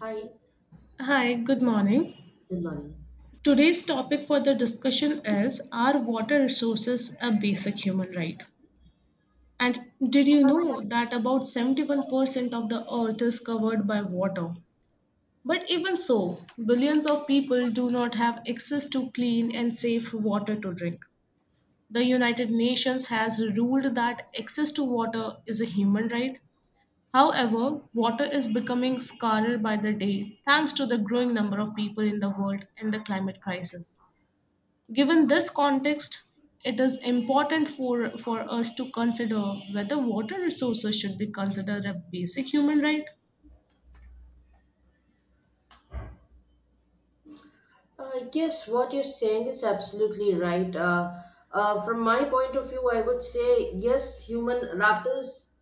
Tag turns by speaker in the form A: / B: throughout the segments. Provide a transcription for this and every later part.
A: Hi.
B: Hi, good morning.
A: Good morning.
B: Today's topic for the discussion is, are water resources a basic human right? And did you know that about 71% of the earth is covered by water? But even so, billions of people do not have access to clean and safe water to drink. The United Nations has ruled that access to water is a human right. However, water is becoming scarcer by the day thanks to the growing number of people in the world and the climate crisis. Given this context, it is important for us to consider whether water resources should be considered a basic human right.
A: Yes, what you're saying is absolutely right. From my point of view, I would say yes, human laughter is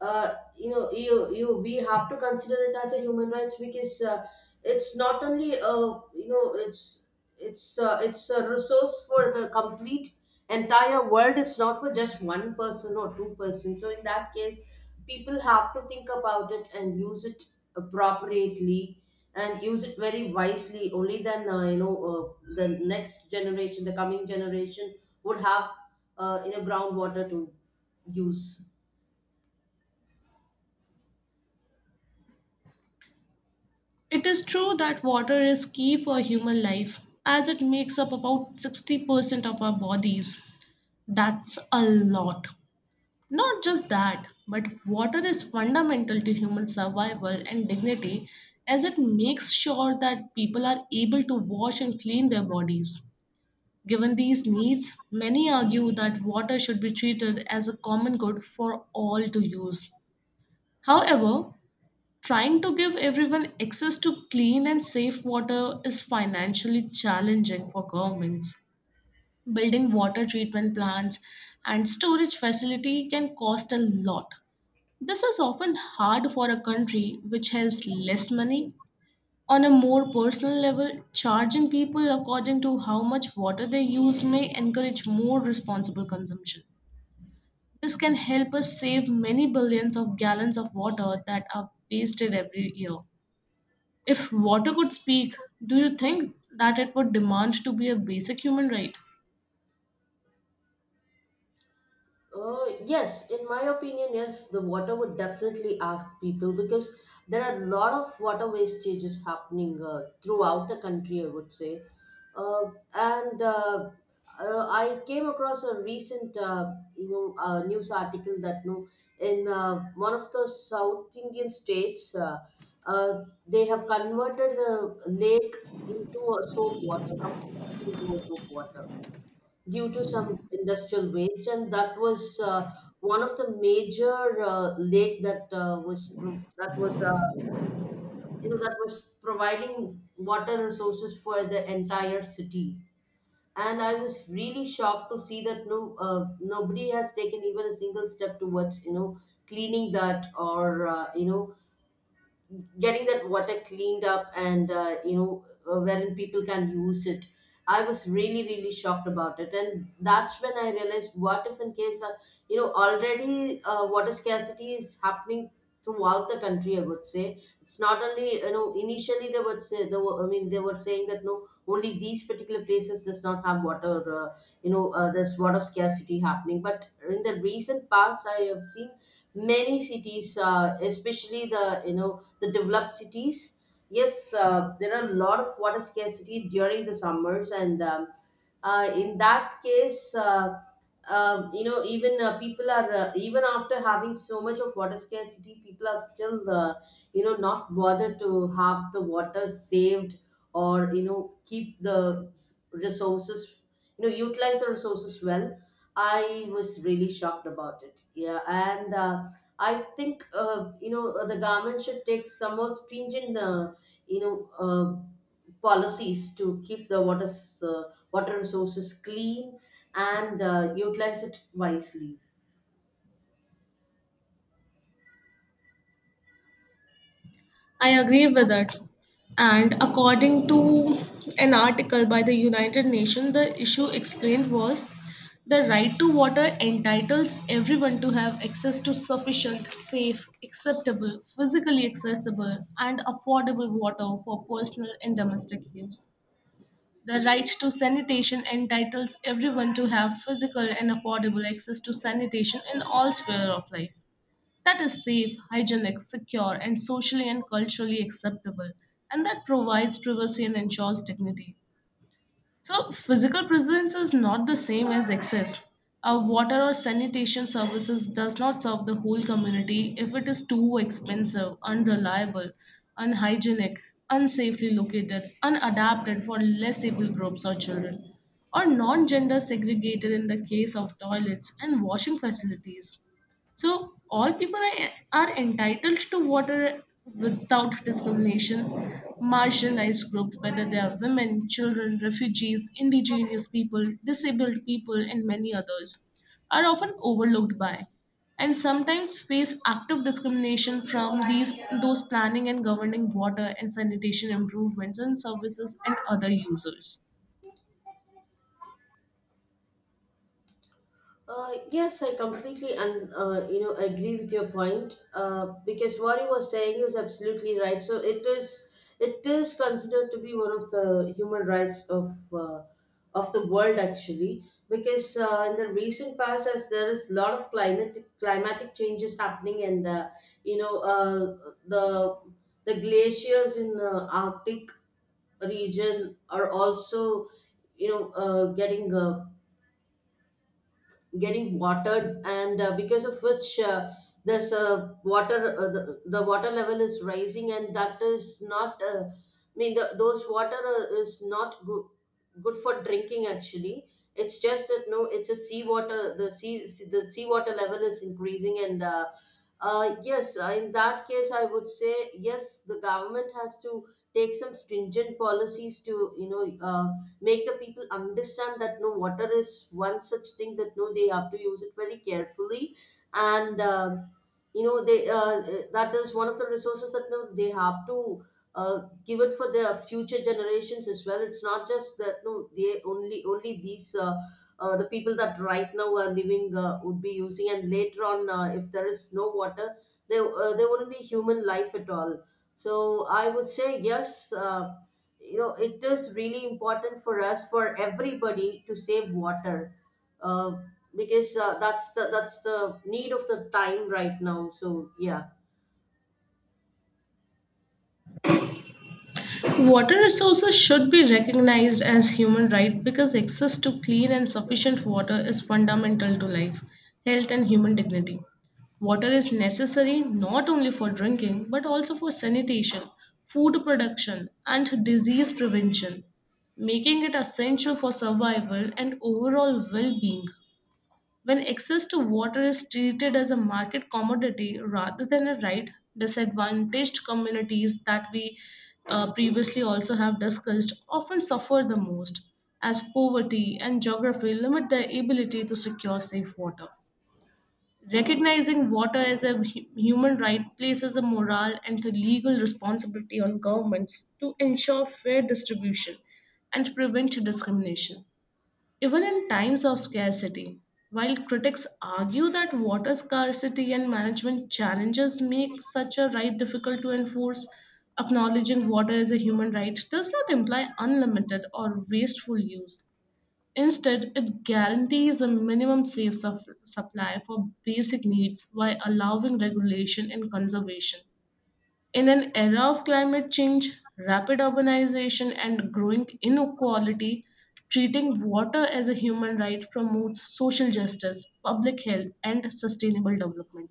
A: you know you you we have to consider it as a human rights, because it's not only it's a resource for the complete entire world. It's not for just one person or two person, so in that case people have to think about it and use it appropriately and use it very wisely. Only then, the next generation, the coming generation would have groundwater to use.
B: It is true that water is key for human life as it makes up about 60% of our bodies. That's a lot. Not just that, but water is fundamental to human survival and dignity as it makes sure that people are able to wash and clean their bodies. Given these needs, many argue that water should be treated as a common good for all to use. However, trying to give everyone access to clean and safe water is financially challenging for governments. Building water treatment plants and storage facility can cost a lot. This is often hard for a country which has less money. On a more personal level, charging people according to how much water they use may encourage more responsible consumption. This can help us save many billions of gallons of water that are wasted every year. If water could speak, do you think that it would demand to be a basic human right?
A: Yes, in my opinion, yes, the water would definitely ask people, because there are a lot of water wastages happening throughout the country, I would say. Uh, and I came across a recent, news article that no, in one of the South Indian states, they have converted the lake into a soap water, completely into a soap water, due to some industrial waste, and that was one of the major lake that was that was providing water resources for the entire city. And I was really shocked to see that no, nobody has taken even a single step towards cleaning that, or getting that water cleaned up and wherein people can use it. I was really, really shocked about it. And that's when I realized, what if, in case, already water scarcity is happening throughout the country, I would say. It's not only, initially they would say, they were, I mean, they were saying that no, only these particular places does not have water, there's water scarcity happening. But in the recent past, I have seen many cities, especially the, the developed cities. Yes, there are a lot of water scarcity during the summers, and in that case, even people are, even after having so much of water scarcity, people are still, not bothered to have the water saved, or keep the resources, utilize the resources well. I was really shocked about it. Yeah, and. I think the government should take some more stringent you know uh, policies to keep the water uh, water resources clean and utilize it wisely.
B: I agree with it. And according to an article by the United Nations, the issue explained was the right to water entitles everyone to have access to sufficient, safe, acceptable, physically accessible, and affordable water for personal and domestic use. The right to sanitation entitles everyone to have physical and affordable access to sanitation in all spheres of life that is safe, hygienic, secure, and socially and culturally acceptable, and that provides privacy and ensures dignity. So, physical presence is not the same as access. Our water or sanitation services does not serve the whole community if it is too expensive, unreliable, unhygienic, unsafely located, unadapted for less able groups or children, or non-gender segregated in the case of toilets and washing facilities. So all people are entitled to water without discrimination. Marginalized groups, whether they are women, children, refugees, indigenous people, disabled people, and many others, are often overlooked by and sometimes face active discrimination from these those planning and governing water and sanitation improvements and services and other users.
A: Yes, I completely, and agree with your point. Because what you were saying is absolutely right. So it is, it is considered to be one of the human rights of the world actually. Because in the recent past, as there is a lot of climatic changes happening, and you know uh, the the glaciers in Arctic region are also, you know uh, getting uh, getting watered, and because of which there's a water the water level is rising, and that is not, I mean, those water is not good, good for drinking actually. It's just that no, it's a seawater. The seawater level is increasing, and yes, in that case I would say yes, the government has to take some stringent policies to make the people understand that no, water is one such thing that no, they have to use it very carefully, and you know they that is one of the resources that no, they have to give it for their future generations as well. It's not just that no, they only, only these the people that right now are living would be using, and later on, if there is no water there, there wouldn't be human life at all. So I would say yes, it is really important for us, for everybody to save water, uh, because that's the, that's the need of the time right now, so yeah.
B: Water resources should be recognized as human right because access to clean and sufficient water is fundamental to life, health, and human dignity. Water is necessary not only for drinking but also for sanitation, food production, and disease prevention, making it essential for survival and overall well being. When access to water is treated as a market commodity rather than a right, disadvantaged communities that we previously also have discussed often suffer the most, as poverty and geography limit their ability to secure safe water. Recognizing water as a human right places a moral and a legal responsibility on governments to ensure fair distribution and prevent discrimination. Even in times of scarcity, while critics argue that water scarcity and management challenges make such a right difficult to enforce, acknowledging water as a human right does not imply unlimited or wasteful use. Instead, it guarantees a minimum safe supply for basic needs while allowing regulation and conservation. In an era of climate change, rapid urbanization, and growing inequality, treating water as a human right promotes social justice, public health, and sustainable development,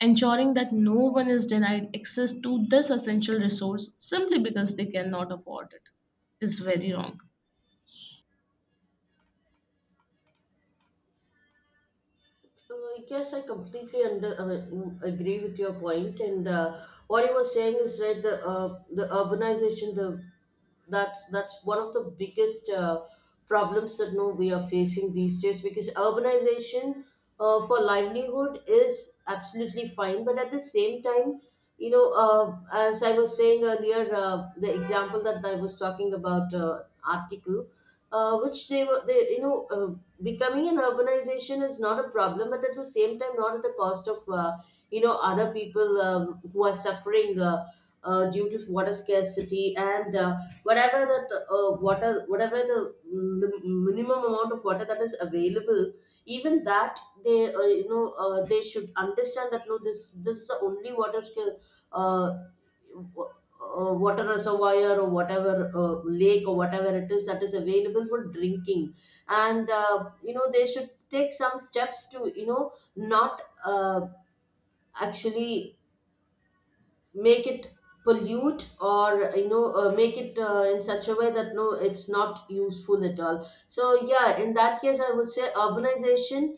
B: ensuring that no one is denied access to this essential resource simply because they cannot afford it is very wrong.
A: Yes, I completely agree with your point, and what you were saying is right. The the urbanization, the that's one of the biggest problems that no, we are facing these days, because urbanization for livelihood is absolutely fine, but at the same time, you know, uh, as I was saying earlier, the example that I was talking about, article, which they were they you know. Becoming an urbanization is not a problem, but at the same time, not at the cost of other people who are suffering, due to water scarcity, and whatever that water, whatever the minimum amount of water that is available, even that they, they should understand that no, this is the only water skill, uh, water reservoir, or whatever, lake, or whatever it is that is available for drinking. And they should take some steps to not actually make it pollute, or make it in such a way that no, it's not useful at all. So yeah, in that case I would say urbanization,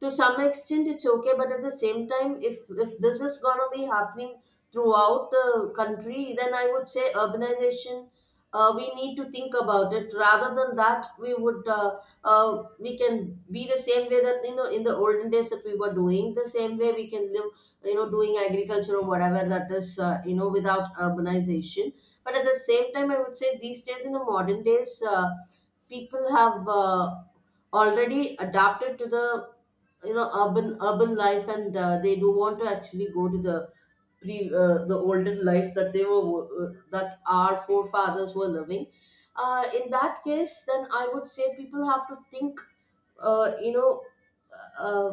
A: to some extent it's okay, but at the same time, if this is going to be happening throughout the country, then I would say urbanization, we need to think about it. Rather than that, we would, we can be the same way that in the olden days that we were doing, the same way we can live, doing agriculture or whatever that is, without urbanization. But at the same time, I would say these days, in the modern days, people have already adapted to the, urban life, and they do want to actually go to the pre the older life that they were, uh, that our forefathers were living. In that case, then I would say people have to think, uh, you know uh,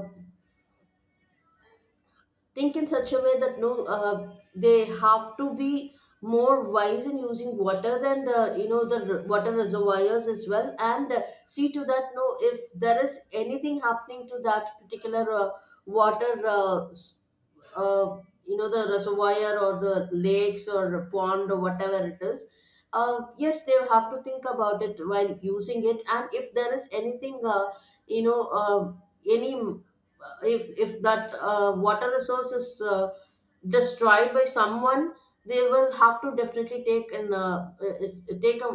A: think in such a way that no, they have to be more wise in using water, and the water reservoirs as well, and see to that no, if there is anything happening to that particular water uh, the reservoir, or the lakes, or pond, or whatever it is. Yes, they have to think about it while using it, and if there is anything, you know any if that water resource is destroyed by someone, they will have to definitely take an take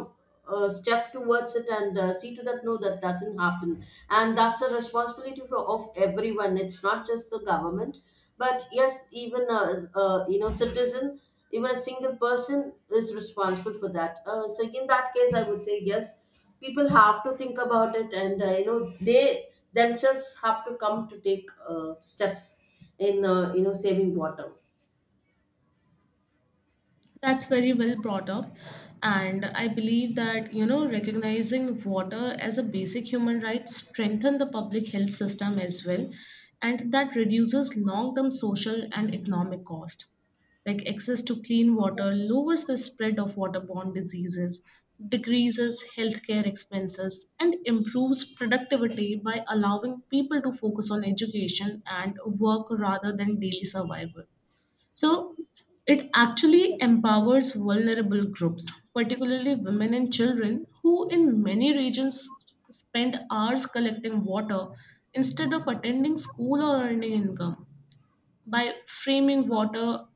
A: a step towards it, and see to that no, that doesn't happen. And that's a responsibility for, of everyone. It's not just the government, but yes, even a citizen, even a single person is responsible for that, so in that case I would say yes, people have to think about it, and they themselves have to come to take steps in saving water.
B: That's very well brought up. And I believe that, you know, recognizing water as a basic human right strengthen the public health system as well. And that reduces long-term social and economic cost. Like, access to clean water lowers the spread of waterborne diseases, decreases healthcare expenses, and improves productivity by allowing people to focus on education and work rather than daily survival. So it actually empowers vulnerable groups, particularly women and children, who in many regions spend hours collecting water instead of attending school or earning income. By framing water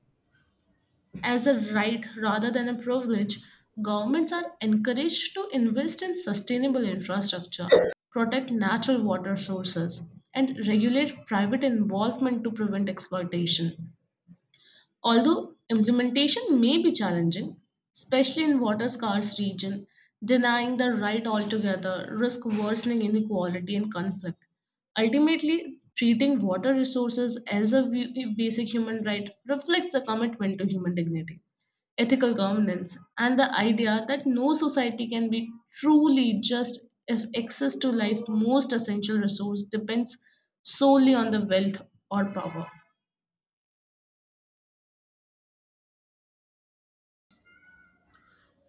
B: as a right rather than a privilege, governments are encouraged to invest in sustainable infrastructure, protect natural water sources, and regulate private involvement to prevent exploitation. Although implementation may be challenging, especially in water scarce region, denying the right altogether risk worsening inequality and conflict. Ultimately, treating water resources as a basic human right reflects a commitment to human dignity, ethical governance, and the idea that no society can be truly just if access to life's most essential resource depends solely on the wealth or power.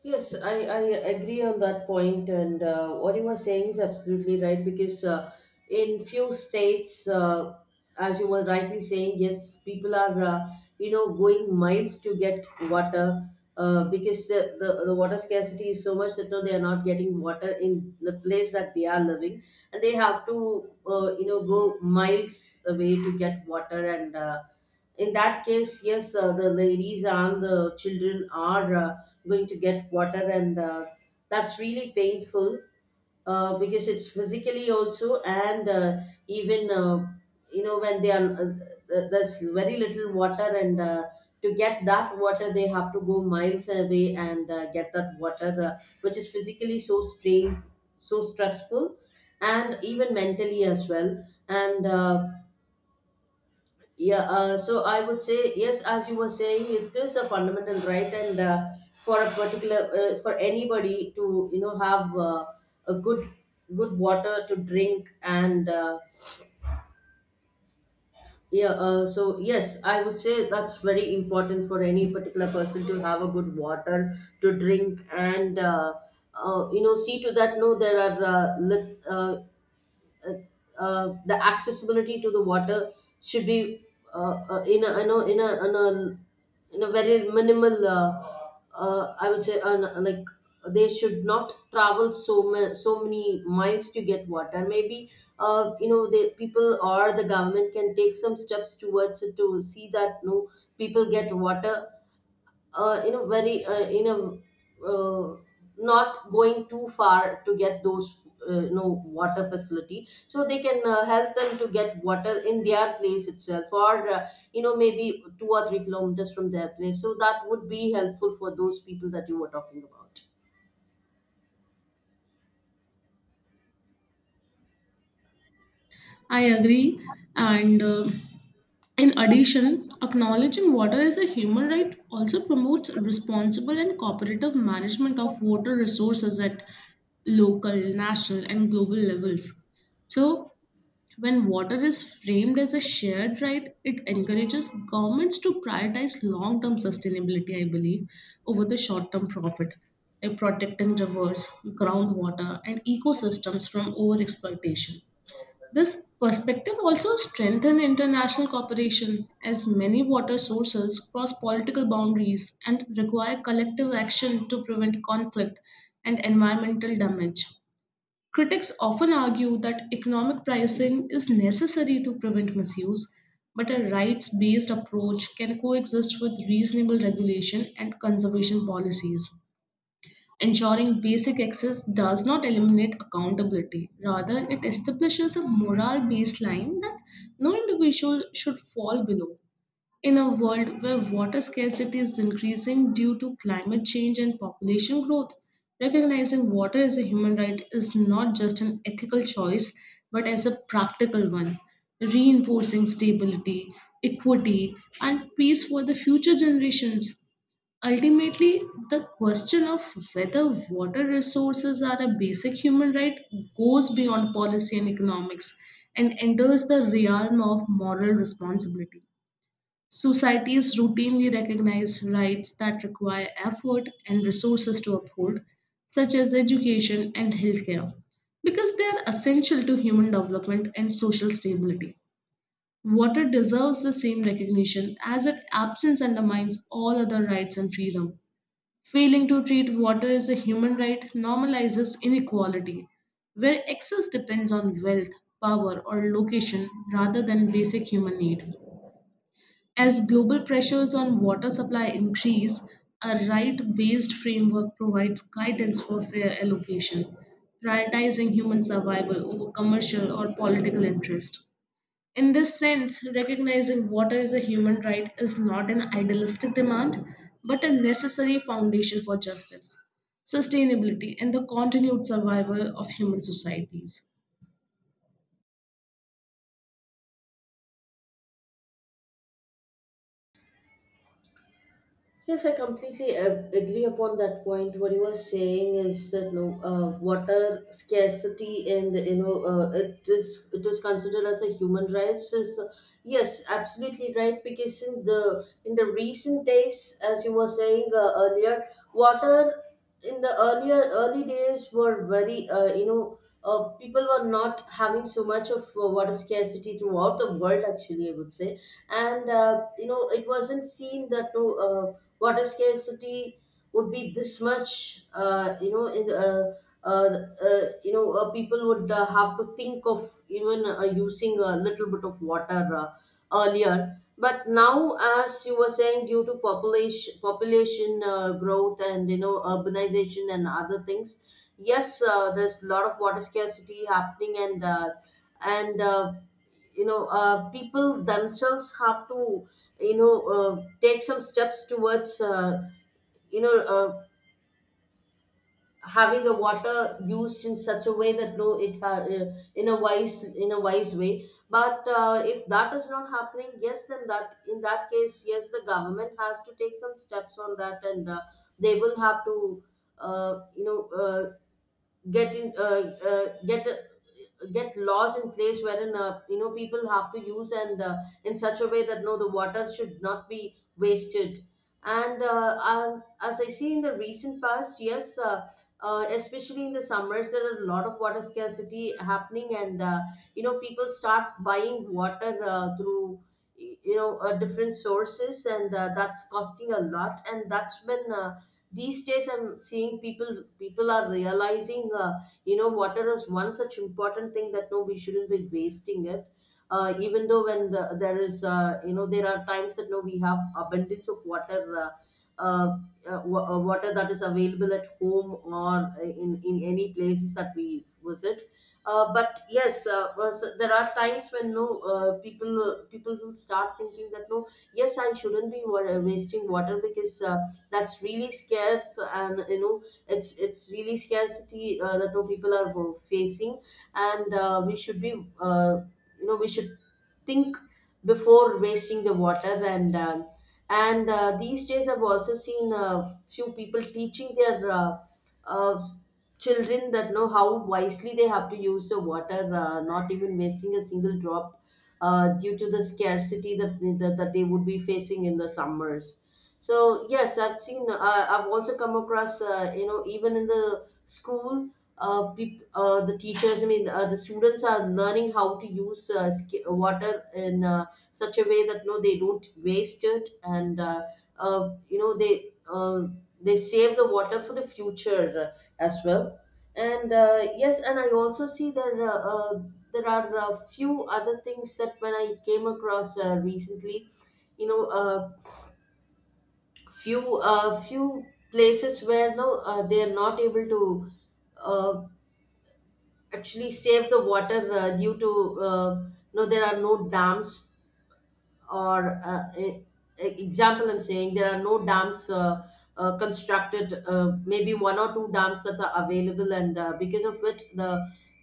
A: Yes, I agree on that point, and what you were saying is absolutely right, because in few states, as you were rightly saying, yes, people are, going miles to get water, because the water scarcity is so much that no, they are not getting water in the place that they are living, and they have to, go miles away to get water, and. In that case, yes, the ladies and the children are. Going to get water, and that's really painful, because it's physically also, and even you know when they are th- there's very little water, and to get that water they have to go miles away and get that water, which is physically so strain so stressful, and even mentally as well, and yeah, so I would say yes, as you were saying, it is a fundamental right, and for a particular for anybody to have a good water to drink, and yeah, so yes, I would say that's very important for any particular person to have a good water to drink, and see to that no, there are uh, the accessibility to the water should be in a, in a, in a, in a in a very minimal, I would say, like they should not travel so many miles to get water. Maybe the people or the government can take some steps towards it to see that no, people get water in a very in a not going too far to get those, water facility, so they can help them to get water in their place itself, or maybe 2 or 3 kilometers from their place, so that would be helpful for those people that you were talking about.
B: I agree. And in addition, acknowledging water as a human right also promotes responsible and cooperative management of water resources at local, national, and global levels. So, when water is framed as a shared right, it encourages governments to prioritize long term sustainability, I believe, over the short term profit, like protecting rivers, groundwater, and ecosystems from over exploitation. This perspective also strengthens international cooperation as many water sources cross political boundaries and require collective action to prevent conflict and environmental damage. Critics often argue that economic pricing is necessary to prevent misuse, but a rights based approach can coexist with reasonable regulation and conservation policies. Ensuring basic access does not eliminate accountability. Rather, it establishes a moral baseline that no individual should fall below. In a world where water scarcity is increasing due to climate change and population growth, recognizing water as a human right is not just an ethical choice but as a practical one, reinforcing stability, equity, and peace for the future generations. Ultimately, the question of whether water resources are a basic human right goes beyond policy and economics and enters the realm of moral responsibility. Societies routinely recognize rights that require effort and resources to uphold, such as education and healthcare, because they are essential to human development and social stability. Water deserves the same recognition as its absence undermines all other rights and freedom. Failing to treat water as a human right normalizes inequality, where excess depends on wealth, power, or location rather than basic human need. As global pressures on water supply increase, a right based framework provides guidance for fair allocation, prioritizing human survival over commercial or political interest. In this sense, recognizing water as a human right is not an idealistic demand, but a necessary foundation for justice, sustainability, and the continued survival of human societies.
A: Yes, I completely agree upon that point. What you were saying is that no, water scarcity, and it is considered as a human rights. Is, yes, absolutely right. Because in the recent days, as you were saying earlier, water in the earlier early days were very, people were not having so much of water scarcity throughout the world. Actually, I would say, and it wasn't seen that no, water scarcity would be this much. Uh, you know in the, you know People would have to think of even using a little bit of water earlier. But now, as you were saying, due to population growth and urbanization and other things, yes, there's a lot of water scarcity happening, and people themselves have to, take some steps towards, you know uh, having the water used in such a way that no, in a wise in a wise way. But if that is not happening, yes, then that in that case, yes, the government has to take some steps on that, and they will have to uh, you know uh, get in uh, uh, get get laws in place wherein, people have to use, and in such a way that no, the water should not be wasted. And as I see in the recent past, yes, especially in the summers, there are a lot of water scarcity happening, and people start buying water through, different sources, and that's costing a lot, and that's when, these days, I'm seeing people are realizing, water is one such important thing that no, we shouldn't be wasting it, even though when there is, there are times that no, we have abundance of water, uh, water that is available at home or in any places that we visit. But yes, there are times when no, people will start thinking that no, yes, I shouldn't be wasting water, because that's really scarce, and it's really scarcity, that no people are facing, and we should be, uh, we should think before wasting the water. And these days I've also seen few people teaching their, uh, children, that know how wisely they have to use the water, not even wasting a single drop, due to the scarcity that they would be facing in the summers. So yes, I've seen. I've also come across. You know, even in the school, peop the teachers, I mean, the students are learning how to use, water in such a way that no, they don't waste it, and uh, you know they uh, they save the water for the future as well. And yes, and I also see there, there are a few other things that when I came across recently, you know. Few places where no, they are not able to uh, actually save the water, due to, no, there are no dams, or example, I'm saying there are no dams constructed, maybe one or two dams that are available, and because of which the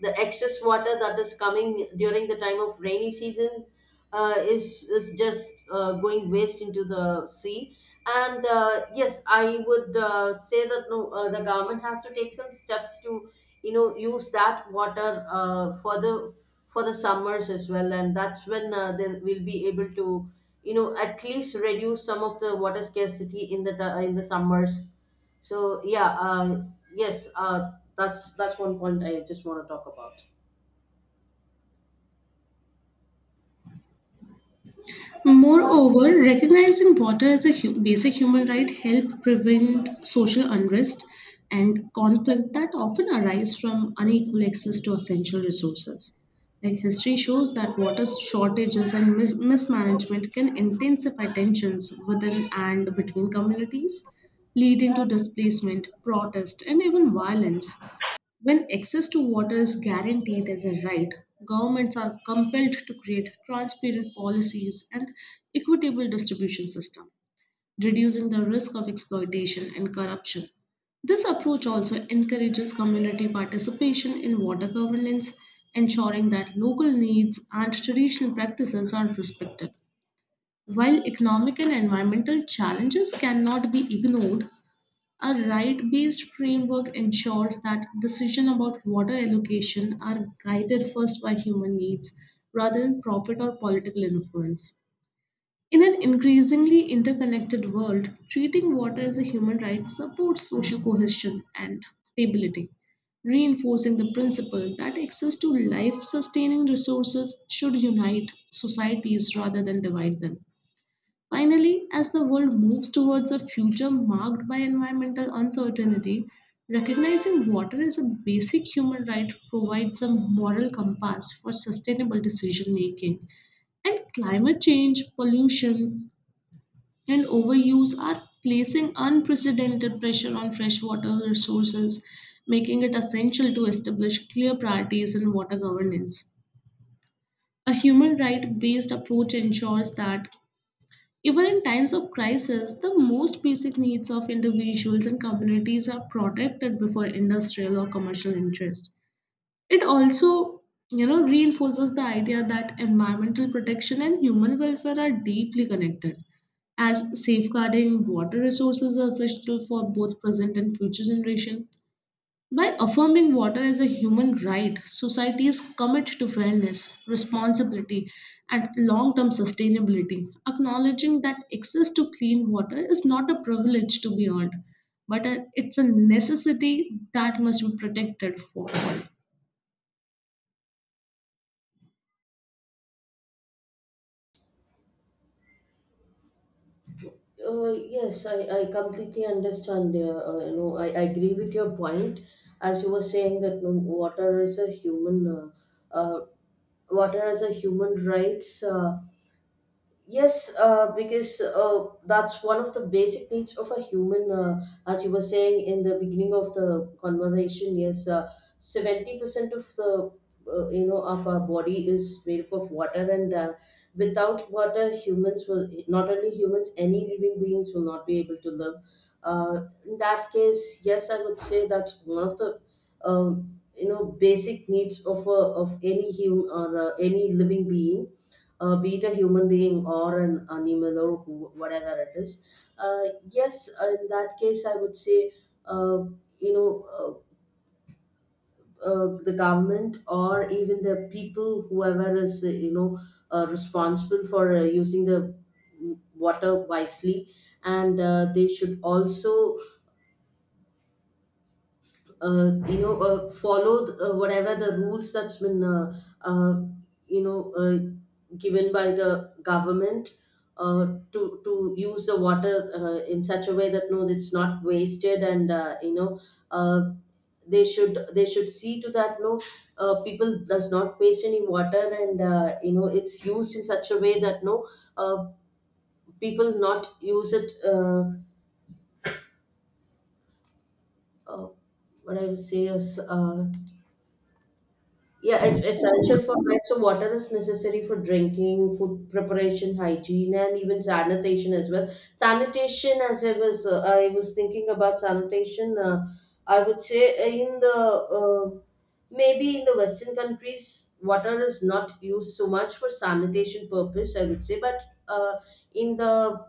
A: excess water that is coming during the time of rainy season is just going waste into the sea. And yes, I would say that no, the government has to take some steps to use that water for the summers as well, and that's when, they will be able to at least reduce some of the water scarcity in the in the summers. So yeah, yes uh, that's one point I just want to talk about.
B: Moreover, recognizing water as a basic human right help prevent social unrest and conflict that often arise from unequal access to essential resources. Like, history shows that water shortages and mismanagement can intensify tensions within and between communities, leading to displacement, protest, and even violence. When access to water is guaranteed as a right, governments are compelled to create transparent policies and equitable distribution system, reducing the risk of exploitation and corruption. This approach also encourages community participation in water governance, ensuring that local needs and traditional practices are respected. While economic and environmental challenges cannot be ignored, a right based framework ensures that decisions about water allocation are guided first by human needs rather than profit or political influence. In an increasingly interconnected world, treating water as a human right supports social cohesion and stability, reinforcing the principle that access to life sustaining resources should unite societies rather than divide them. Finally, as the world moves towards a future marked by environmental uncertainty, recognizing water as a basic human right provides a moral compass for sustainable decision making. And climate change, pollution, and overuse are placing unprecedented pressure on freshwater resources, making it essential to establish clear priorities in water governance. A human right based approach ensures that even in times of crisis, the most basic needs of individuals and communities are protected before industrial or commercial interest. It also, you know, reinforces the idea that environmental protection and human welfare are deeply connected, as safeguarding water resources are essential for both present and future generation. By affirming water as a human right, societies commit to fairness, responsibility, and long term sustainability, acknowledging that access to clean water is not a privilege to be earned, but it's a necessity that must be protected for.
A: Yes, I completely understand. You know, I agree with your point. As you were saying that, you know, water is a human, uh, water as a human rights. Yes, because that's one of the basic needs of a human. As you were saying in the beginning of the conversation, yes, 70% of the, of our body is made up of water, and without water, humans will not, only humans, any living beings will not be able to live. In that case, yes, I would say that's one of the, basic needs of a, of any human, or any living being, be it a human being or an animal, or whatever it is. Yes, in that case, I would say, uh, you know, uh, the government or even the people, whoever is, responsible for using the water wisely, and they should also follow whatever the rules that's been, uh, you know uh, given by the government to use the water in such a way that no, it's not wasted, and uh, they should see to that no, people does not waste any water, and it's used in such a way that no, uh, people not use it, uh, what I would say is, yeah, it's essential for life. So, water is necessary for drinking, food preparation, hygiene, and even sanitation as well. Sanitation, as I was thinking about sanitation. I would say in the, maybe in the Western countries, water is not used so much for sanitation purpose, I would say. But uh, in the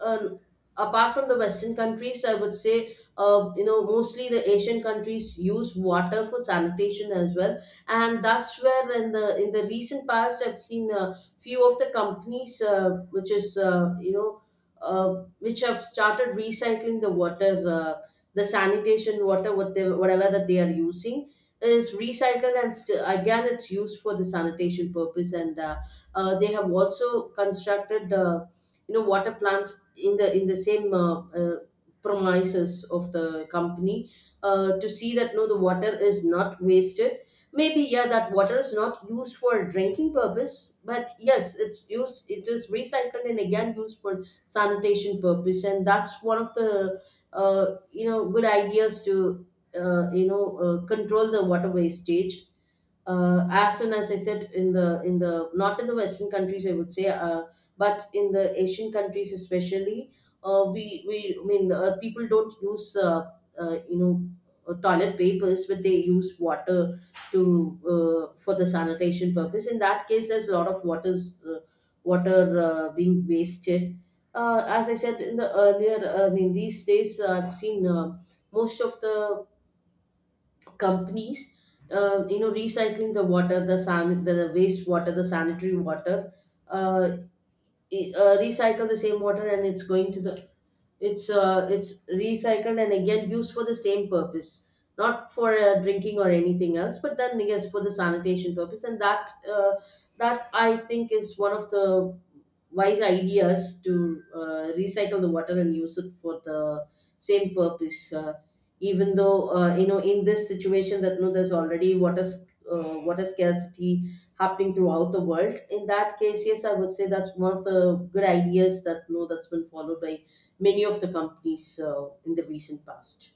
A: uh, apart from the Western countries, I would say, you know, mostly the Asian countries use water for sanitation as well, and that's where, in the recent past, I've seen a few of the companies, which is, which have started recycling the water, the sanitation water, what they, whatever that they are using, is recycled and still again it's used for the sanitation purpose, and they have also constructed, water plants in the same premises of the company, to see that no, the water is not wasted. Maybe yeah, that water is not used for drinking purpose, but yes, it's used, it is recycled and again used for sanitation purpose, and that's one of the, good ideas to control the water wastage, as soon as I said, in the, not in the Western countries, I would say, but in the Asian countries especially, we I mean, people don't use, uh, you know toilet papers, but they use water to, for the sanitation purpose. In that case, there's a lot of water being wasted. As I said in the earlier, I mean, these days, I've seen, most of the companies, recycling the water, the san the waste water, the sanitary water, uh, recycle the same water, and it's going to the, it's recycled and again used for the same purpose, not for drinking or anything else. But then yes, for the sanitation purpose, and that, that I think is one of the wise ideas to recycle the water and use it for the same purpose. Even though, in this situation that no, there's already water scarcity happening throughout the world. In that case, yes, I would say that's one of the good ideas that no, that's been followed by many of the companies in the recent past.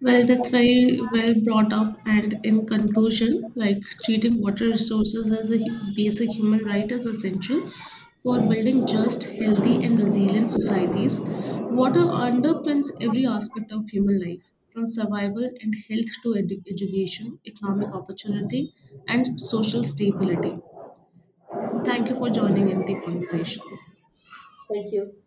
B: Well, that's very well brought up. And in conclusion, like treating water resources as a basic human right is essential for building just, healthy, and resilient societies. Water underpins every aspect of human life, from survival and health to education, economic opportunity, and social stability. Thank you for joining in the conversation.
A: Thank you.